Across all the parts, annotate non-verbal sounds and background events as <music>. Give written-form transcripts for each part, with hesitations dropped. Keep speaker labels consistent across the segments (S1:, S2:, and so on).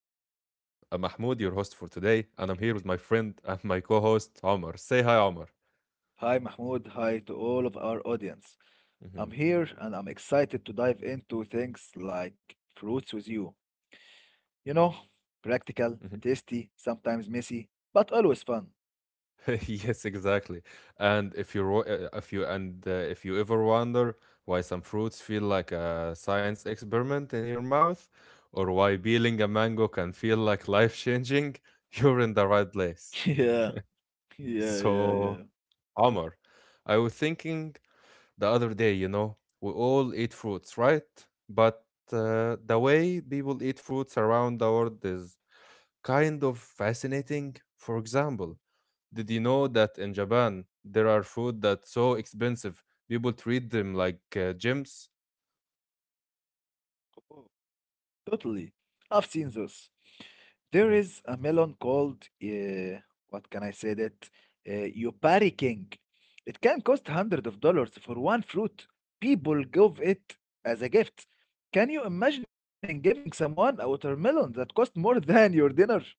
S1: I'm Mahmoud, your host for today, and I'm here with my friend and my co host, Omar. Say hi, Omar.
S2: Hi Mahmoud, hi to all of our audience. I'm
S1: Mhm,
S2: here and I'm excited to dive into things like fruits with you. You know, practical,
S1: mhm.
S2: tasty, sometimes messy, but always fun.
S1: <laughs> Yes, exactly. And if you, ro- if you, and if you ever wonder why some fruits feel like a science experiment in your mouth, or why peeling a mango can feel like life changing, <laughs> you're in the right
S2: <laughs>
S1: place.
S2: Yeah, yeah.
S1: So, Omar, I was thinking the other day, you know, we all eat fruits, right? But the way people eat fruits around the world is kind of fascinating. For example, did you know that in Japan there are food that's so expensive, people treat them like gems?
S2: Totally. I've seen those.
S1: Mhm.
S2: There is a melon called, what can I say that? Yopari King. It can cost hundreds of dollars for one fruit. People give it as a gift. Can you imagine giving someone a watermelon that costs more <laughs> than your dinner? <laughs>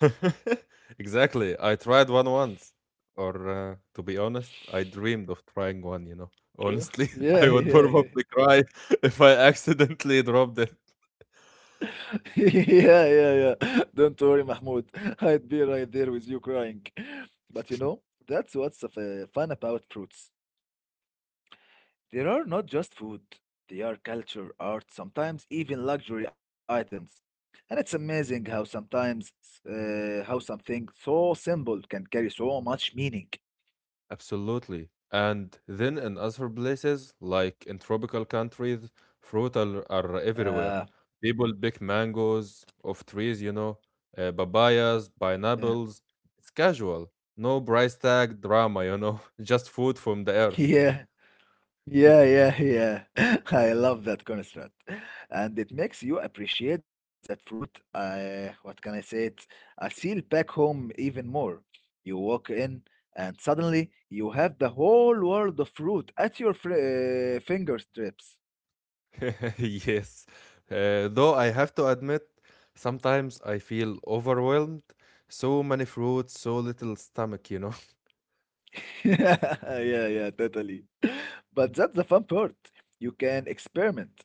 S1: <laughs> Exactly. I tried one once. Or to be honest, I dreamed of trying one, you know. Honestly,
S2: Uh,
S1: <laughs> I would
S2: Yeah,
S1: probably
S2: yeah, yeah.
S1: cry <laughs> if I accidentally dropped it.
S2: <laughs> Yeah. Don't worry, Mahmoud. <laughs> I'd be right there with you crying. <laughs> But you know, that's fun about fruits. There are not just food, they are culture, art, sometimes even luxury items. And it's amazing how sometimes how something so simple can carry so much meaning.
S1: Absolutely. And then in other places, like in tropical countries, fruit are everywhere.
S2: Uh,
S1: People pick mangoes off trees, you know, papayas,
S2: yeah,
S1: pineapples. It's casual. No price tag drama, <laughs> just food from the
S2: <laughs>
S1: earth.
S2: yeah. Yeah,
S1: <laughs>
S2: yeah, yeah. <laughs> I love that concept. And it makes you appreciate that fruit, what can I say it? I feel back home even more. You walk in and suddenly you have the whole world of fruit at your fr fingertips.
S1: <laughs> Yes. Though I have to admit, sometimes I feel overwhelmed. So many fruits, so little stomach, you know.
S2: <laughs> Yeah, yeah, totally. <laughs> But that's the fun part. You can experiment.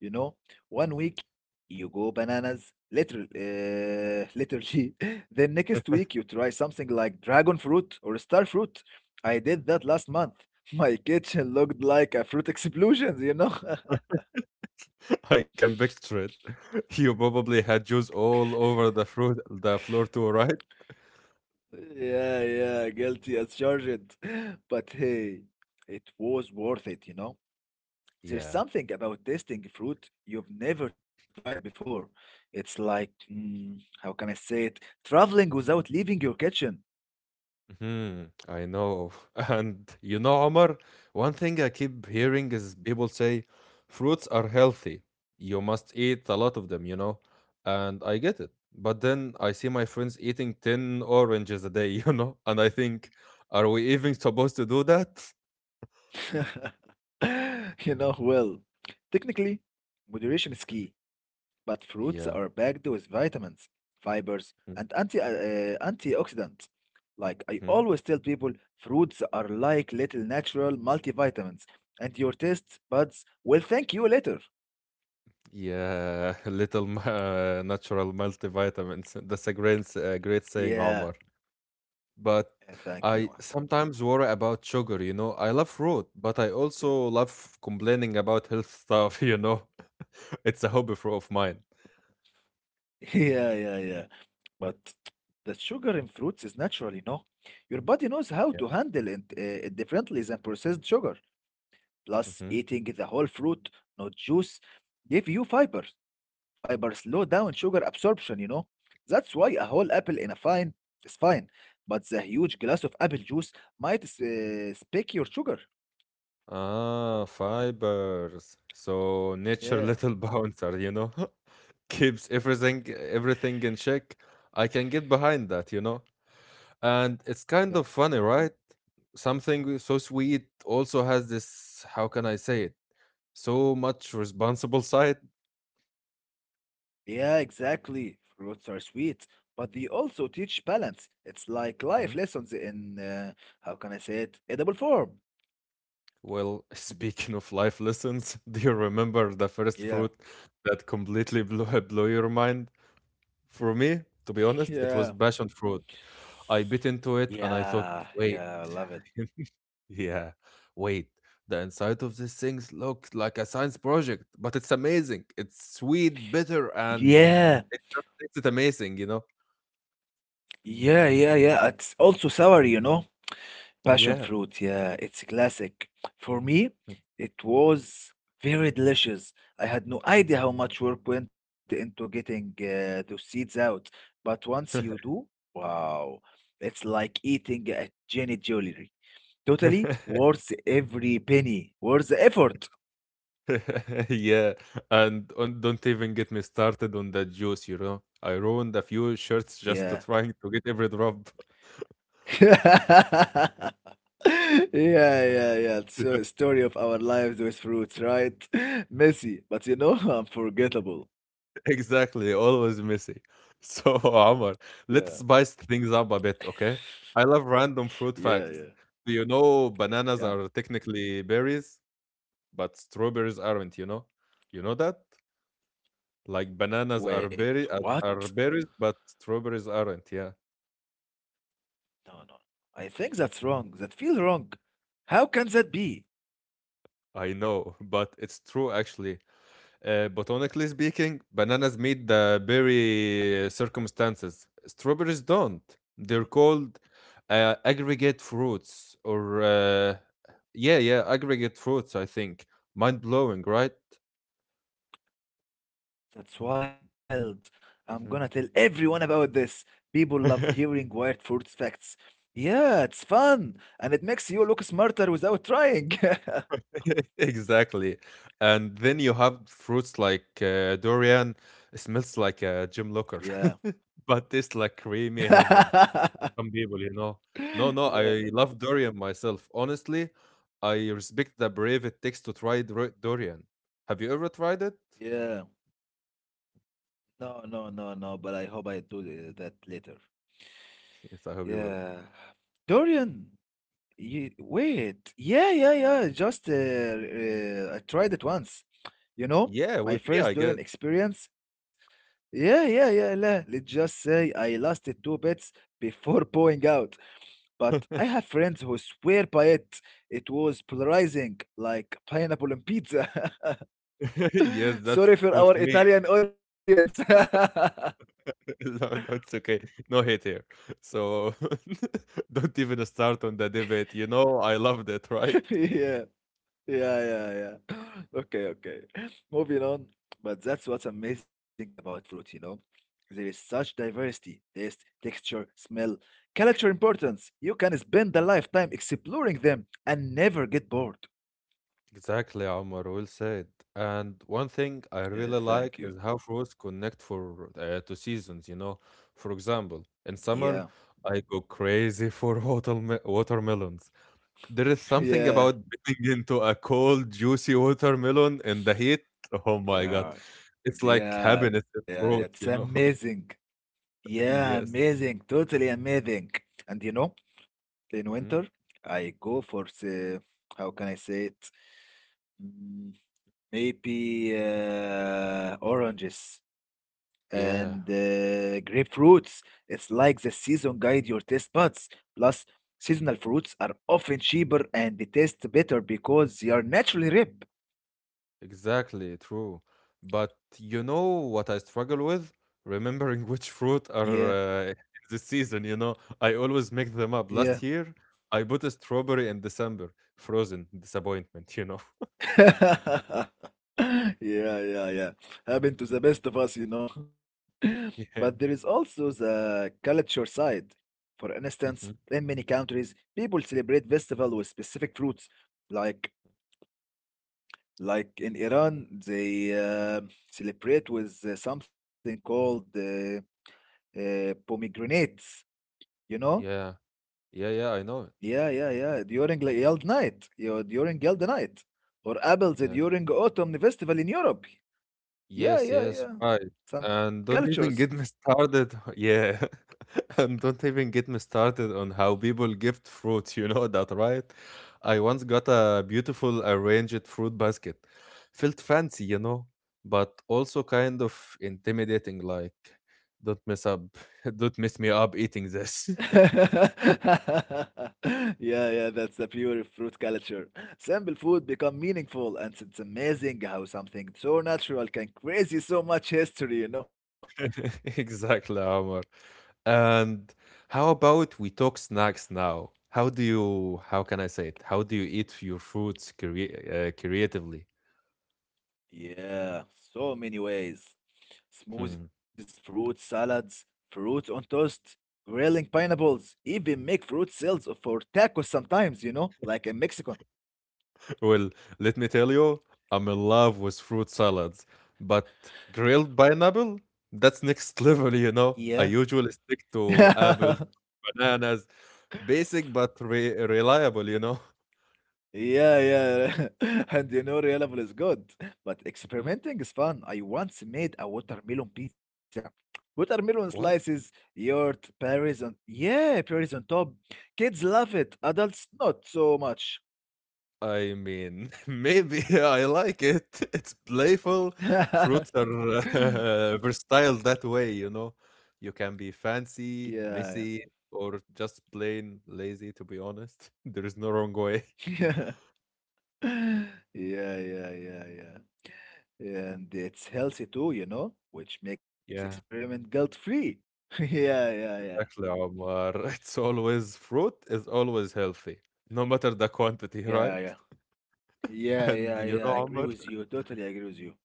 S2: You know, one week you go bananas, literally, <laughs> literally. Then next week you try something like dragon fruit or star fruit. I did that last month. <laughs> My kitchen looked like a fruit explosion, you know? <laughs>
S1: <laughs> I can picture it. <laughs> You probably had juice all over the fruit, the floor too, right?
S2: Yeah, guilty as charged. <laughs> But hey, it was worth it, you know? There's
S1: Yeah.
S2: something about tasting fruit you've never tried before. It's like, mm, how can I say it? Traveling without leaving your kitchen.
S1: Mhm, I know. <laughs> And you know, Omar, one thing I keep hearing is people say fruits are healthy. You must eat a lot of them, you know? And I get it. But then I see my friends eating 10 oranges a day, <laughs> you know? And I think, are we even supposed to do that?
S2: Yeah. <laughs> <laughs> Well, technically, moderation is
S1: <laughs>
S2: key, but fruits are
S1: Yeah.
S2: packed with vitamins, fibers, and antioxidants. Like I
S1: Mm-hmm.
S2: always tell people, fruits are like little natural multivitamins, and your taste buds will thank you later.
S1: Yeah, <laughs> natural multivitamins. <laughs> That's a great saying,
S2: Yeah,
S1: Omar. But
S2: thank you.
S1: I sometimes worry about sugar, you know. I love fruit, but I
S2: Yeah,
S1: also love complaining about health stuff, <laughs> you know. <laughs> It's a hobby of mine.
S2: <laughs> yeah. But the sugar in fruits is natural, you know. Your body knows how to
S1: Yeah.
S2: handle it differently than processed sugar. Plus,
S1: Hmm.
S2: eating the whole fruit, not juice, give you fibers. Fibers slow down sugar absorption, you know. That's why a whole apple in a fine is fine, but the huge glass of apple juice might spike your sugar.
S1: Ah, fibers. So nature <laughs> little
S2: Yeah,
S1: bouncer, you know, <laughs> keeps everything
S2: yeah,
S1: everything in check. I can get behind that, you know. And it's kind of
S2: yeah,
S1: funny, right? Something so sweet also has this, how can I say it? So much responsible side.
S2: yeah, exactly. Fruits are sweet, but they also teach balance. It's like life lessons in, how can I say it, edible form.
S1: Well, <laughs> speaking of life lessons, <laughs> do you remember the first
S2: Yeah,
S1: fruit that completely <laughs> blew your mind? For me, to
S2: <laughs>
S1: be honest,
S2: yeah.
S1: it was passion fruit. I bit into it and I thought, wait,
S2: Yeah, I love it.
S1: <laughs> yeah, wait. The inside of these things looks like a science project, but it's amazing. It's sweet, bitter, and
S2: Yeah,
S1: it just makes it amazing, you know?
S2: yeah. It's also sour, you know. Passion
S1: Yeah.
S2: fruit, yeah, it's a classic. For me, it was very delicious. I had no idea how much work went into getting those seeds out, but once you do, wow, it's like eating a genie jewelry. Totally
S1: <laughs>
S2: worth every penny, worth the effort.
S1: <laughs> Yeah, and don't even get me started on the juice, you know. I ruined a few shirts
S2: Yeah.
S1: just to trying to get every drop. <laughs>
S2: <laughs> Yeah. So, story of our lives with fruits, right? <laughs> Messy, but you know, <laughs> unforgettable.
S1: Exactly, always messy. So, <laughs> Omar,
S2: Yeah,
S1: let's spice things up a bit, okay? I love random fruit
S2: yeah,
S1: facts.
S2: yeah,
S1: Do you know bananas
S2: yeah.
S1: are technically berries, but strawberries aren't, you know? You know that? Like bananas
S2: Wait,
S1: are berry are
S2: what?
S1: are berries, but strawberries aren't. Yeah,
S2: No. I think that's wrong. That feels wrong. How can that be?
S1: I know, <laughs> but it's true actually. Botanically speaking, bananas meet the berry circumstances. Strawberries don't. They're
S2: Y-
S1: called aggregate fruits, or yeah, aggregate fruits. I think mind blowing, right?
S2: That's wild. I'm
S1: Mhm.
S2: gonna tell everyone about this. People love
S1: <laughs>
S2: hearing weird fruits facts. Yeah, it's fun, and it makes you look smarter without trying. <laughs>
S1: Exactly. And then you have fruits like durian. It smells like a gym locker,
S2: yeah.
S1: <laughs> but tastes like
S2: <laughs>
S1: creamy heaven.
S2: yeah.
S1: Some people, you know. No, no, I
S2: yeah,
S1: love durian myself. Honestly, I respect the brave it takes to try durian. Have you ever tried it?
S2: Yeah, no, no, no, no, but I hope I do that later.
S1: Yes, I hope you will.
S2: Yeah. Dorian, you, wait. Yeah. Just I tried it once. You know,
S1: Yeah,
S2: my
S1: with me, I
S2: first
S1: guess.
S2: Dorian experience. Let's just say I lost it two bits before <laughs> pouring out. But I have
S1: <laughs>
S2: friends who swear by it. It was polarizing, like pineapple and pizza.
S1: Yes,
S2: <laughs>
S1: that
S2: Sorry
S1: friend
S2: for
S1: was
S2: our
S1: me.
S2: Italian audience. <laughs>
S1: <laughs> No, no, it's okay. No hate here. So <laughs> don't even start on the debate. You know, I loved it, <laughs> right?
S2: Yeah. Yeah. <clears throat> <laughs> Okay. Moving on. But that's what's amazing about fruit, you know? There is such diversity, taste, texture, smell, culture importance. You can spend a lifetime exploring them and never get bored.
S1: Exactly, Omar, well said. And one thing I really like
S2: Thank you.
S1: is how fruits connect for to seasons, you know. For example, in
S2: Yeah,
S1: summer, I go crazy <laughs> for watermelons. There is
S2: <laughs>
S1: something
S2: yeah,
S1: about biting into a cold, juicy watermelon in the heat. Oh my God.
S2: yeah,
S1: It's like
S2: yeah,
S1: happiness
S2: yeah,
S1: in
S2: yeah. It's
S1: fruit, you know? <laughs>
S2: amazing. Yeah,
S1: Yes.
S2: amazing. Totally amazing. And you know, in
S1: Mhm.
S2: winter, I go for the, how can I say it? Mm, Maybe oranges
S1: Yeah.
S2: and grapefruits. It's like the season guide your taste buds. Plus, seasonal fruits are often cheaper and they taste better because they are naturally ripe.
S1: Exactly, true. But you know what I struggle with? Remembering <laughs> which fruit
S2: Yeah,
S1: are in the season, you know? I always make them up. Last
S2: yeah.
S1: year, I bought a strawberry in December. Frozen disappointment, you know?
S2: <laughs> Yeah. Happened to the
S1: <laughs>
S2: best of us, you know. <laughs> But there is
S1: Yeah.
S2: also the culture side. For instance,
S1: Hmm.
S2: in many countries, people celebrate festival with specific fruits, like Like in Iran, they celebrate with something called pomegranates, you know?
S1: Yeah. Yeah, yeah, I know it.
S2: Yeah. During the Yeld night, you during Yeld night, or apples
S1: Yeah.
S2: during autumn festival in Europe. Yeah,
S1: Yes,
S2: yeah,
S1: yes,
S2: yeah.
S1: right.
S2: Some
S1: And don't
S2: cultures.
S1: even get me started. <laughs> Yeah. And don't even get me started on how people gift fruit, <laughs> you know that, right? I once got a beautiful arranged fruit basket. Felt fancy, you know, but also kind of intimidating, like, don't mess up, <laughs> don't mess me up eating this.
S2: <laughs> Yeah, that's the pure fruit culture. Simple food become meaningful, and it's amazing how something so natural can crazy so much history, you know?
S1: <laughs> Exactly, Omar. And how about we talk snacks now? How can I say it? How do you eat your fruits creatively?
S2: Yeah, so many ways.
S1: Hmm.
S2: Smoothies, fruit salads, fruit on toast, grilling pineapples, even make fruit sales for tacos sometimes, you know, like in Mexico.
S1: Well, let me tell you, I'm in love with fruit salads, but grilled pineapple? That's next <laughs> level, you
S2: Yeah.
S1: know? I usually stick to
S2: <laughs>
S1: apples, bananas, basic but reliable, you know?
S2: Yeah. <laughs> And you know, reliable is good, but
S1: <laughs> Mhm.
S2: experimenting is fun. I once made a watermelon pizza. Watermelon
S1: What?
S2: slices, yogurt, yeah, berries on top. Kids love it, adults not so much.
S1: I mean, <laughs> maybe I like it. <laughs> It's playful. Fruits are
S2: <laughs>
S1: <laughs> versatile that way, you know? You can be fancy,
S2: Yeah. <laughs>
S1: messy, or just plain lazy, to be honest. <laughs> There is no wrong way.
S2: Yeah. Yeah, yeah, yeah, yeah. And it's healthy too, you know, which makes
S1: <laughs> Yeah.
S2: experiment guilt-free. <laughs> Yeah, yeah, yeah.
S1: Exactly, Omar. <laughs> It's always fruit is always healthy, no matter the quantity,
S2: Yeah,
S1: right?
S2: yeah.
S1: <laughs>
S2: Yeah,
S1: And
S2: yeah, yeah. I agree with you. Totally agree with you.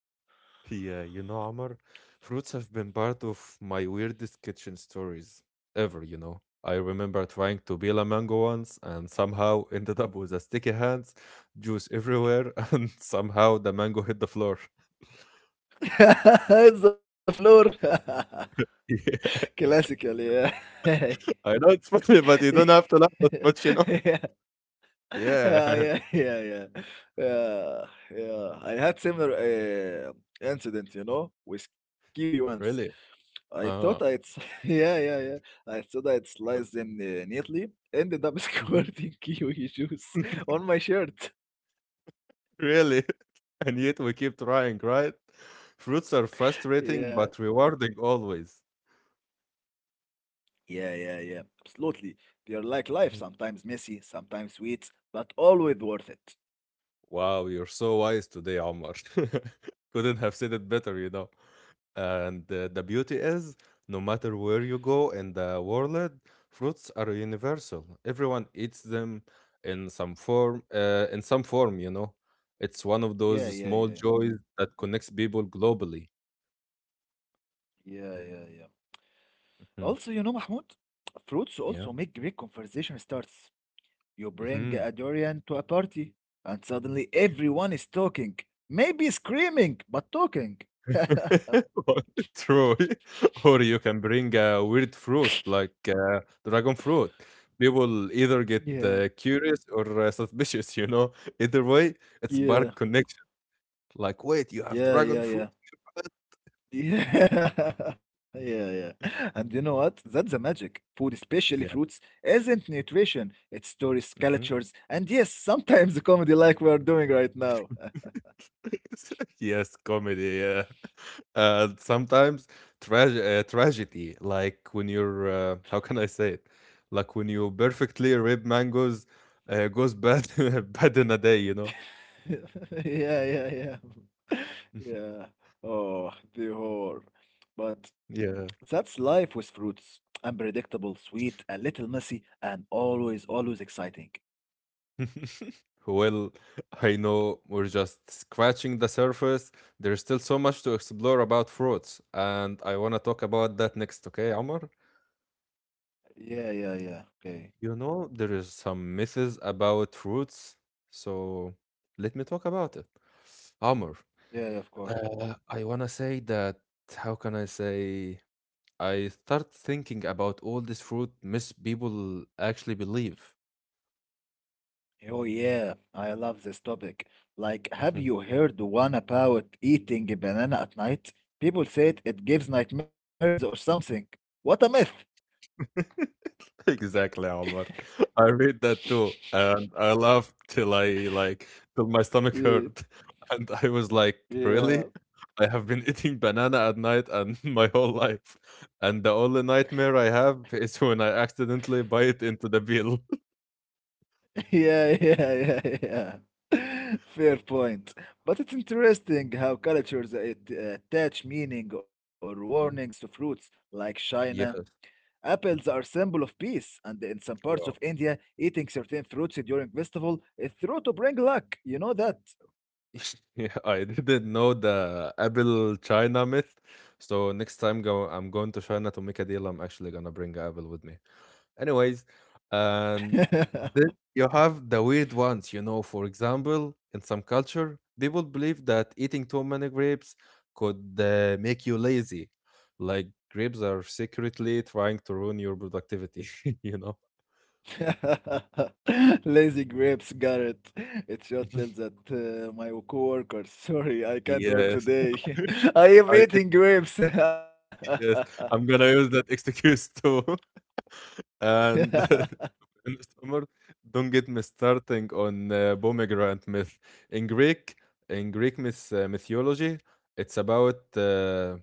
S1: you know, Omar, fruits have been part of my weirdest kitchen stories ever, you know. I remember trying to peel a mango once and somehow <laughs> ended up with a sticky hands, juice everywhere, <laughs> and somehow the mango hit the floor.
S2: <laughs> It's the floor. <laughs>
S1: <laughs>
S2: Classical, yeah.
S1: Yeah. I know it's funny, but you don't have to laugh that
S2: <laughs>
S1: much, you know?
S2: Yeah, <laughs> Yeah,
S1: Yeah,
S2: yeah,
S1: <laughs>
S2: yeah, yeah, yeah, yeah. I had similar incident, you know, with kiwi once.
S1: really.
S2: I
S1: Uh-huh.
S2: thought I'd, <laughs> yeah. I thought I'd slice them neatly. Ended up <laughs>
S1: Mm-hmm.
S2: squirting kiwi juice on my shirt.
S1: Really? <laughs> And yet we keep trying, right? Fruits are frustrating
S2: Yeah,
S1: but rewarding always. <laughs>
S2: yeah. Absolutely. They are like life,
S1: Mhm.
S2: sometimes messy, sometimes sweet, but always worth it.
S1: Wow, you're so wise today, Omar. <laughs> Couldn't have said it better, you know. And the beauty is, no matter where you go in the world, fruits are universal. Everyone eats them in some form, you know. It's one of
S2: Yeah,
S1: those
S2: yeah,
S1: small
S2: yeah. yeah.
S1: joys that
S2: Got it.
S1: connects people globally.
S2: Yeah. Also, you
S1: Mhm.
S2: know, Mahmoud, fruits also make
S1: Yeah.
S2: great conversation starts. You bring a
S1: Mm-hmm.
S2: durian to a party, and suddenly everyone is talking. Maybe screaming, but talking.
S1: <laughs> True. <laughs> Or you can bring a weird fruit like dragon fruit. People either get
S2: Yeah,
S1: curious or suspicious, you know. Either way, it
S2: yeah,
S1: spark connection. Like, wait, you have
S2: yeah,
S1: dragon
S2: yeah, yeah.
S1: fruit?
S2: Yeah, <laughs> yeah. And you know what? That's the magic. Food, especially fruits,
S1: Yeah.
S2: isn't nutrition. It's stories,
S1: Mhm.
S2: cultures, and yes, sometimes comedy like we are doing right now. <laughs>
S1: <laughs> Yes, comedy. Yeah. <laughs> And sometimes tragedy, like when you're, <laughs> how can I say it? Like when you perfectly ripe mangoes goes bad, <laughs> bad in a day, you know.
S2: <laughs> Yeah. <laughs> Yeah. Oh, the horror. But
S1: Yeah.
S2: that's life with fruits. Unpredictable, sweet, a little messy, and always, always exciting.
S1: <laughs> Well, I know we're just scratching the surface. There's still so much to explore about fruits, and I want to talk about that next, okay, Omar?
S2: Yeah. Okay.
S1: You know, there is some myths about fruits, so let me talk about it. Amr,
S2: Yeah, of course.
S1: I want to say that, how can I say, I start thinking about all this fruit myths people actually believe.
S2: Oh, yeah. I love this topic. Like, have you
S1: <laughs>
S2: heard the one about eating a banana at night? People said it gives nightmares or something. What a myth.
S1: <laughs> Exactly, Omar. I read that too, and I laughed till I like till my stomach
S2: Yeah,
S1: hurt, <laughs> and I was like, "Really?
S2: yeah.
S1: I have been eating banana at night and <laughs> my whole life, and the only nightmare I have is when I accidentally bite into the bill."
S2: Yeah, <laughs> yeah. <laughs> Fair point. But it's interesting how cultures attach meaning or warnings to
S1: Mm,
S2: fruits, like China.
S1: yeah.
S2: Apples are
S1: Mhm.
S2: symbol of peace, and in some parts of
S1: Wow.
S2: India, eating certain fruits during festival is thought to bring luck. You know that.
S1: <laughs> Yeah, I didn't know the apple China myth. So next time go I'm going to China to make a deal, I'm actually gonna bring a apple with me. Anyways, and then you have the weird ones, you know. For example, in some culture, people believe that eating too many grapes could make you lazy. Like grapes are secretly trying to ruin your productivity, <laughs> you know.
S2: <laughs> Lazy grapes, Garrett. It should tell
S1: <laughs>
S2: that my coworkers. <laughs> Sorry, I can't work
S1: Yes,
S2: today. <laughs> I am
S1: I <laughs>
S2: eating grapes. <laughs>
S1: yes, I'm gonna use that excuse too. <laughs> And
S2: <laughs>
S1: <laughs> in summer, don't get me starting on pomegranate myth. In Greek, in Greek mythology, it's about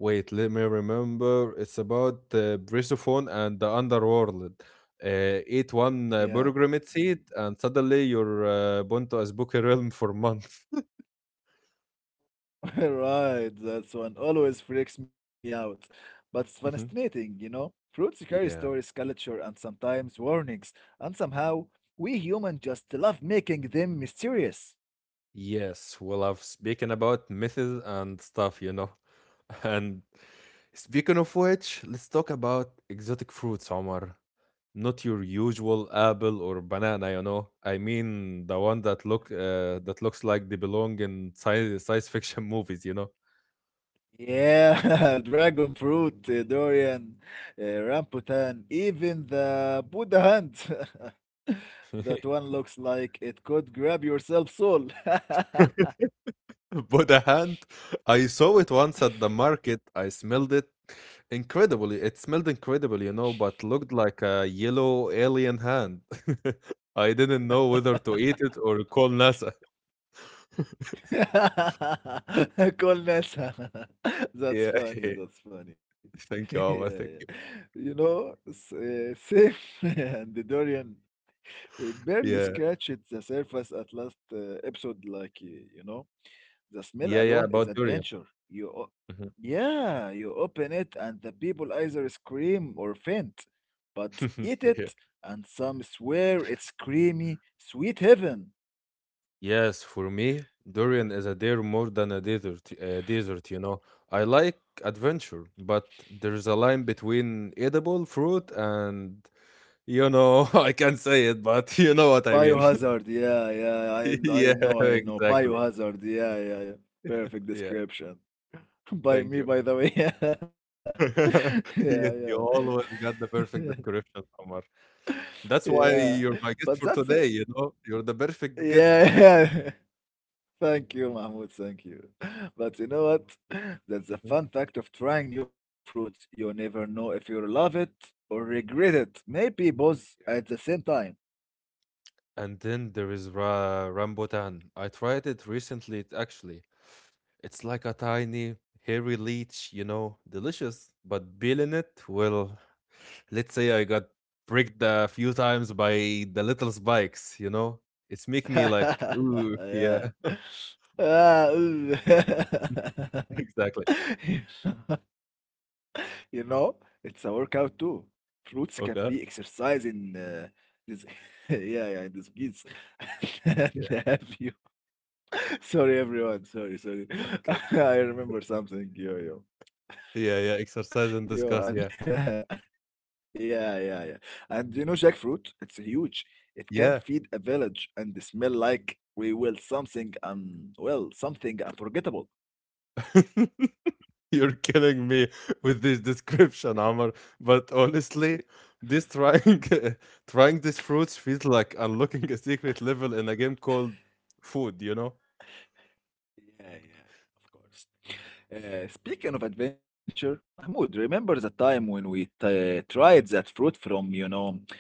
S1: wait, let me remember. It's about Brisophone and the Underworld. Uh, Eat one
S2: yeah,
S1: Burgramid seed, and suddenly you're bound to Azbuki Realm for months.
S2: <laughs> right. That's one always freaks me out. But it's
S1: Mhm.
S2: fascinating, you know? Fruits carry stories,
S1: Yeah.
S2: culture, and sometimes warnings. And somehow, we humans just love making them mysterious.
S1: Yes. Well, I've spoken about myths and stuff, you know. <laughs> And speaking of which, let's talk about exotic fruits, Omar. Not your usual apple or banana, you know. I mean the one that look that looks like they belong in science <laughs> fiction movies, you know.
S2: Yeah, <laughs> dragon fruit, durian, rambutan, even the Buddha hand. <laughs> that
S1: <laughs>
S2: one looks like it could grab yourself soul.
S1: But a hand, I saw it once at the market. I smelled it incredibly. It smelled incredible, you know, but looked like a yellow alien hand. <laughs> I didn't know
S2: <laughs>
S1: whether to eat it or call NASA. <laughs>
S2: <laughs> Call Kolnessa. <laughs> That's
S1: Yeah.
S2: funny.
S1: <laughs>
S2: That's funny. <laughs>
S1: Thank you,
S2: yeah,
S1: Omar.
S2: yeah.
S1: Thank you.
S2: You know, Sif <laughs> and the Dorian, we
S1: Yeah.
S2: barely scratched the surface at last episode. Like, you know, the smell
S1: Yeah, yeah,
S2: alone is
S1: about durian.
S2: adventure.
S1: Mhm.
S2: Yeah, you open it and the people either scream or faint, but
S1: <laughs>
S2: eat
S1: Yeah.
S2: it and some swear it's creamy, sweet heaven.
S1: Yes, for me, durian is a dare more than a desert, you know. I like adventure, but there's a line between edible fruit and, you know, <laughs> I can't say it, but <laughs> you know what I mean. <laughs>
S2: Biohazard, yeah, I
S1: Yeah,
S2: know, I know.
S1: exactly.
S2: Biohazard, yeah. Perfect
S1: Yeah,
S2: description. <laughs> By
S1: thank
S2: me,
S1: you.
S2: by the way. <laughs>
S1: <laughs>
S2: Yeah,
S1: Yes, you always got the
S2: yeah.
S1: perfect description, Omar.
S2: <laughs>
S1: That's why
S2: Yeah.
S1: you're my
S2: But
S1: guest for
S2: that's a,
S1: today, you know. You're the perfect guest.
S2: yeah. <laughs> Thank you, Mahmoud. Thank you. <laughs> But you know what? That's the
S1: Mm-hmm.
S2: fun fact of trying new fruits. You never know if you'll love it or regret it. Maybe both at the same time.
S1: And then there is Rambutan. I tried it recently, it actually. It's like a tiny, hairy leech, you know, delicious. But peeling it, well, let's say I got pricked a few times by the little spikes, you know? It's making me like,
S2: <laughs>
S1: ooh,
S2: Yeah.
S1: yeah,
S2: Ah, ooh. <laughs>
S1: <laughs> exactly.
S2: <laughs> You know, it's a workout too. Fruits can be
S1: Okay.
S2: exercise in this, <laughs> yeah, in this kids. <laughs> And
S1: Yeah.
S2: have you? <laughs> Sorry, everyone. Sorry, sorry. <laughs>
S1: Okay.
S2: I remember something. Yo, yo,
S1: Yeah, yeah. Exercise and
S2: yo,
S1: discuss.
S2: and
S1: Yeah.
S2: <laughs> Yeah. And you know, jackfruit, it's huge. It
S1: Yeah.
S2: can feed a village and they smell like we will something well, something unforgettable.
S1: <laughs> You're killing me with this description, Amr. But honestly,
S2: Yeah,
S1: this trying <laughs> trying these fruits feels like unlocking a secret level in a game called food, you know?
S2: yeah, yeah, of course. Speaking of adventure, Mahmoud, remember the time when we tried that fruit from, you know,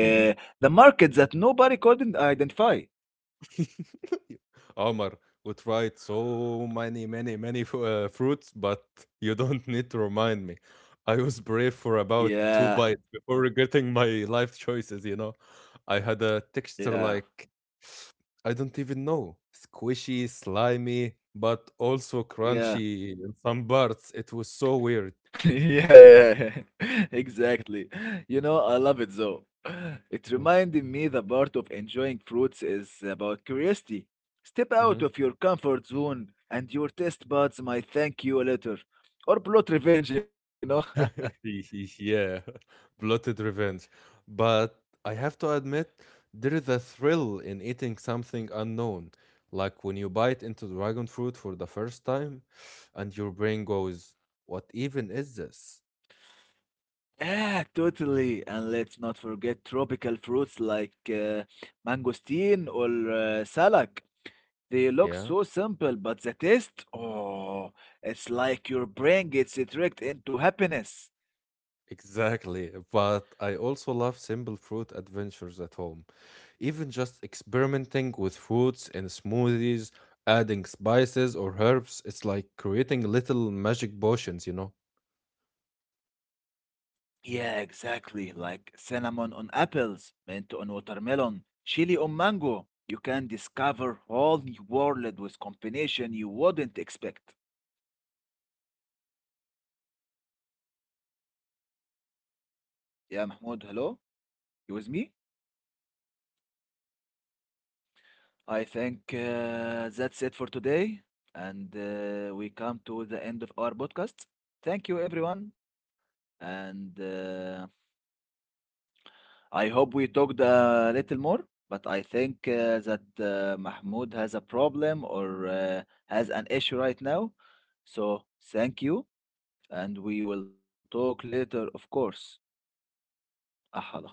S1: Mm-hmm.
S2: the market that nobody couldn't identify?
S1: <laughs> Omar would tried so many fruits, but you don't <laughs> need to remind me. I was brave for about two
S2: Yeah,
S1: bites before regretting my life choices, you know. I had a texture like,
S2: yeah,
S1: I don't even know, squishy, slimy, but also crunchy
S2: yeah.
S1: in some parts. It was so weird.
S2: <laughs> yeah, yeah, <laughs> exactly. You know, I love it though. <laughs> It
S1: Mhm,
S2: reminded me the part of enjoying fruits is about curiosity. Step out
S1: mhm.
S2: of your comfort zone and your taste buds might thank you later. Or plot revenge, you know? <laughs>
S1: <laughs> Yeah, <laughs> bloated revenge. But I have to admit, there is a thrill in eating something unknown. Like when you bite into dragon fruit for the first time and your brain goes, what even is this?
S2: Yeah, totally. And let's not forget tropical fruits like mangosteen or salak. They look
S1: Yeah,
S2: so simple, but the taste, oh, it's like your brain gets tricked into happiness.
S1: exactly. But I also love simple fruit adventures at home. Even just experimenting with fruits in smoothies, adding spices or herbs, it's like creating little magic potions, you know? What a great
S2: Yeah,
S1: description.
S2: exactly.
S1: Magic <laughs>
S2: Like
S1: potions.
S2: cinnamon on apples, mint on watermelon, chili on mango. You can discover whole new world with combination you wouldn't expect. Yeah, Mahmoud, hello? You with me? I think that's it for today. And we come to the end of our podcast. Thank you, everyone. And I hope we talked a little more, but I think that Mahmoud has a problem or has an issue right now. So thank you, and we will talk later, of course. أحلى خلاص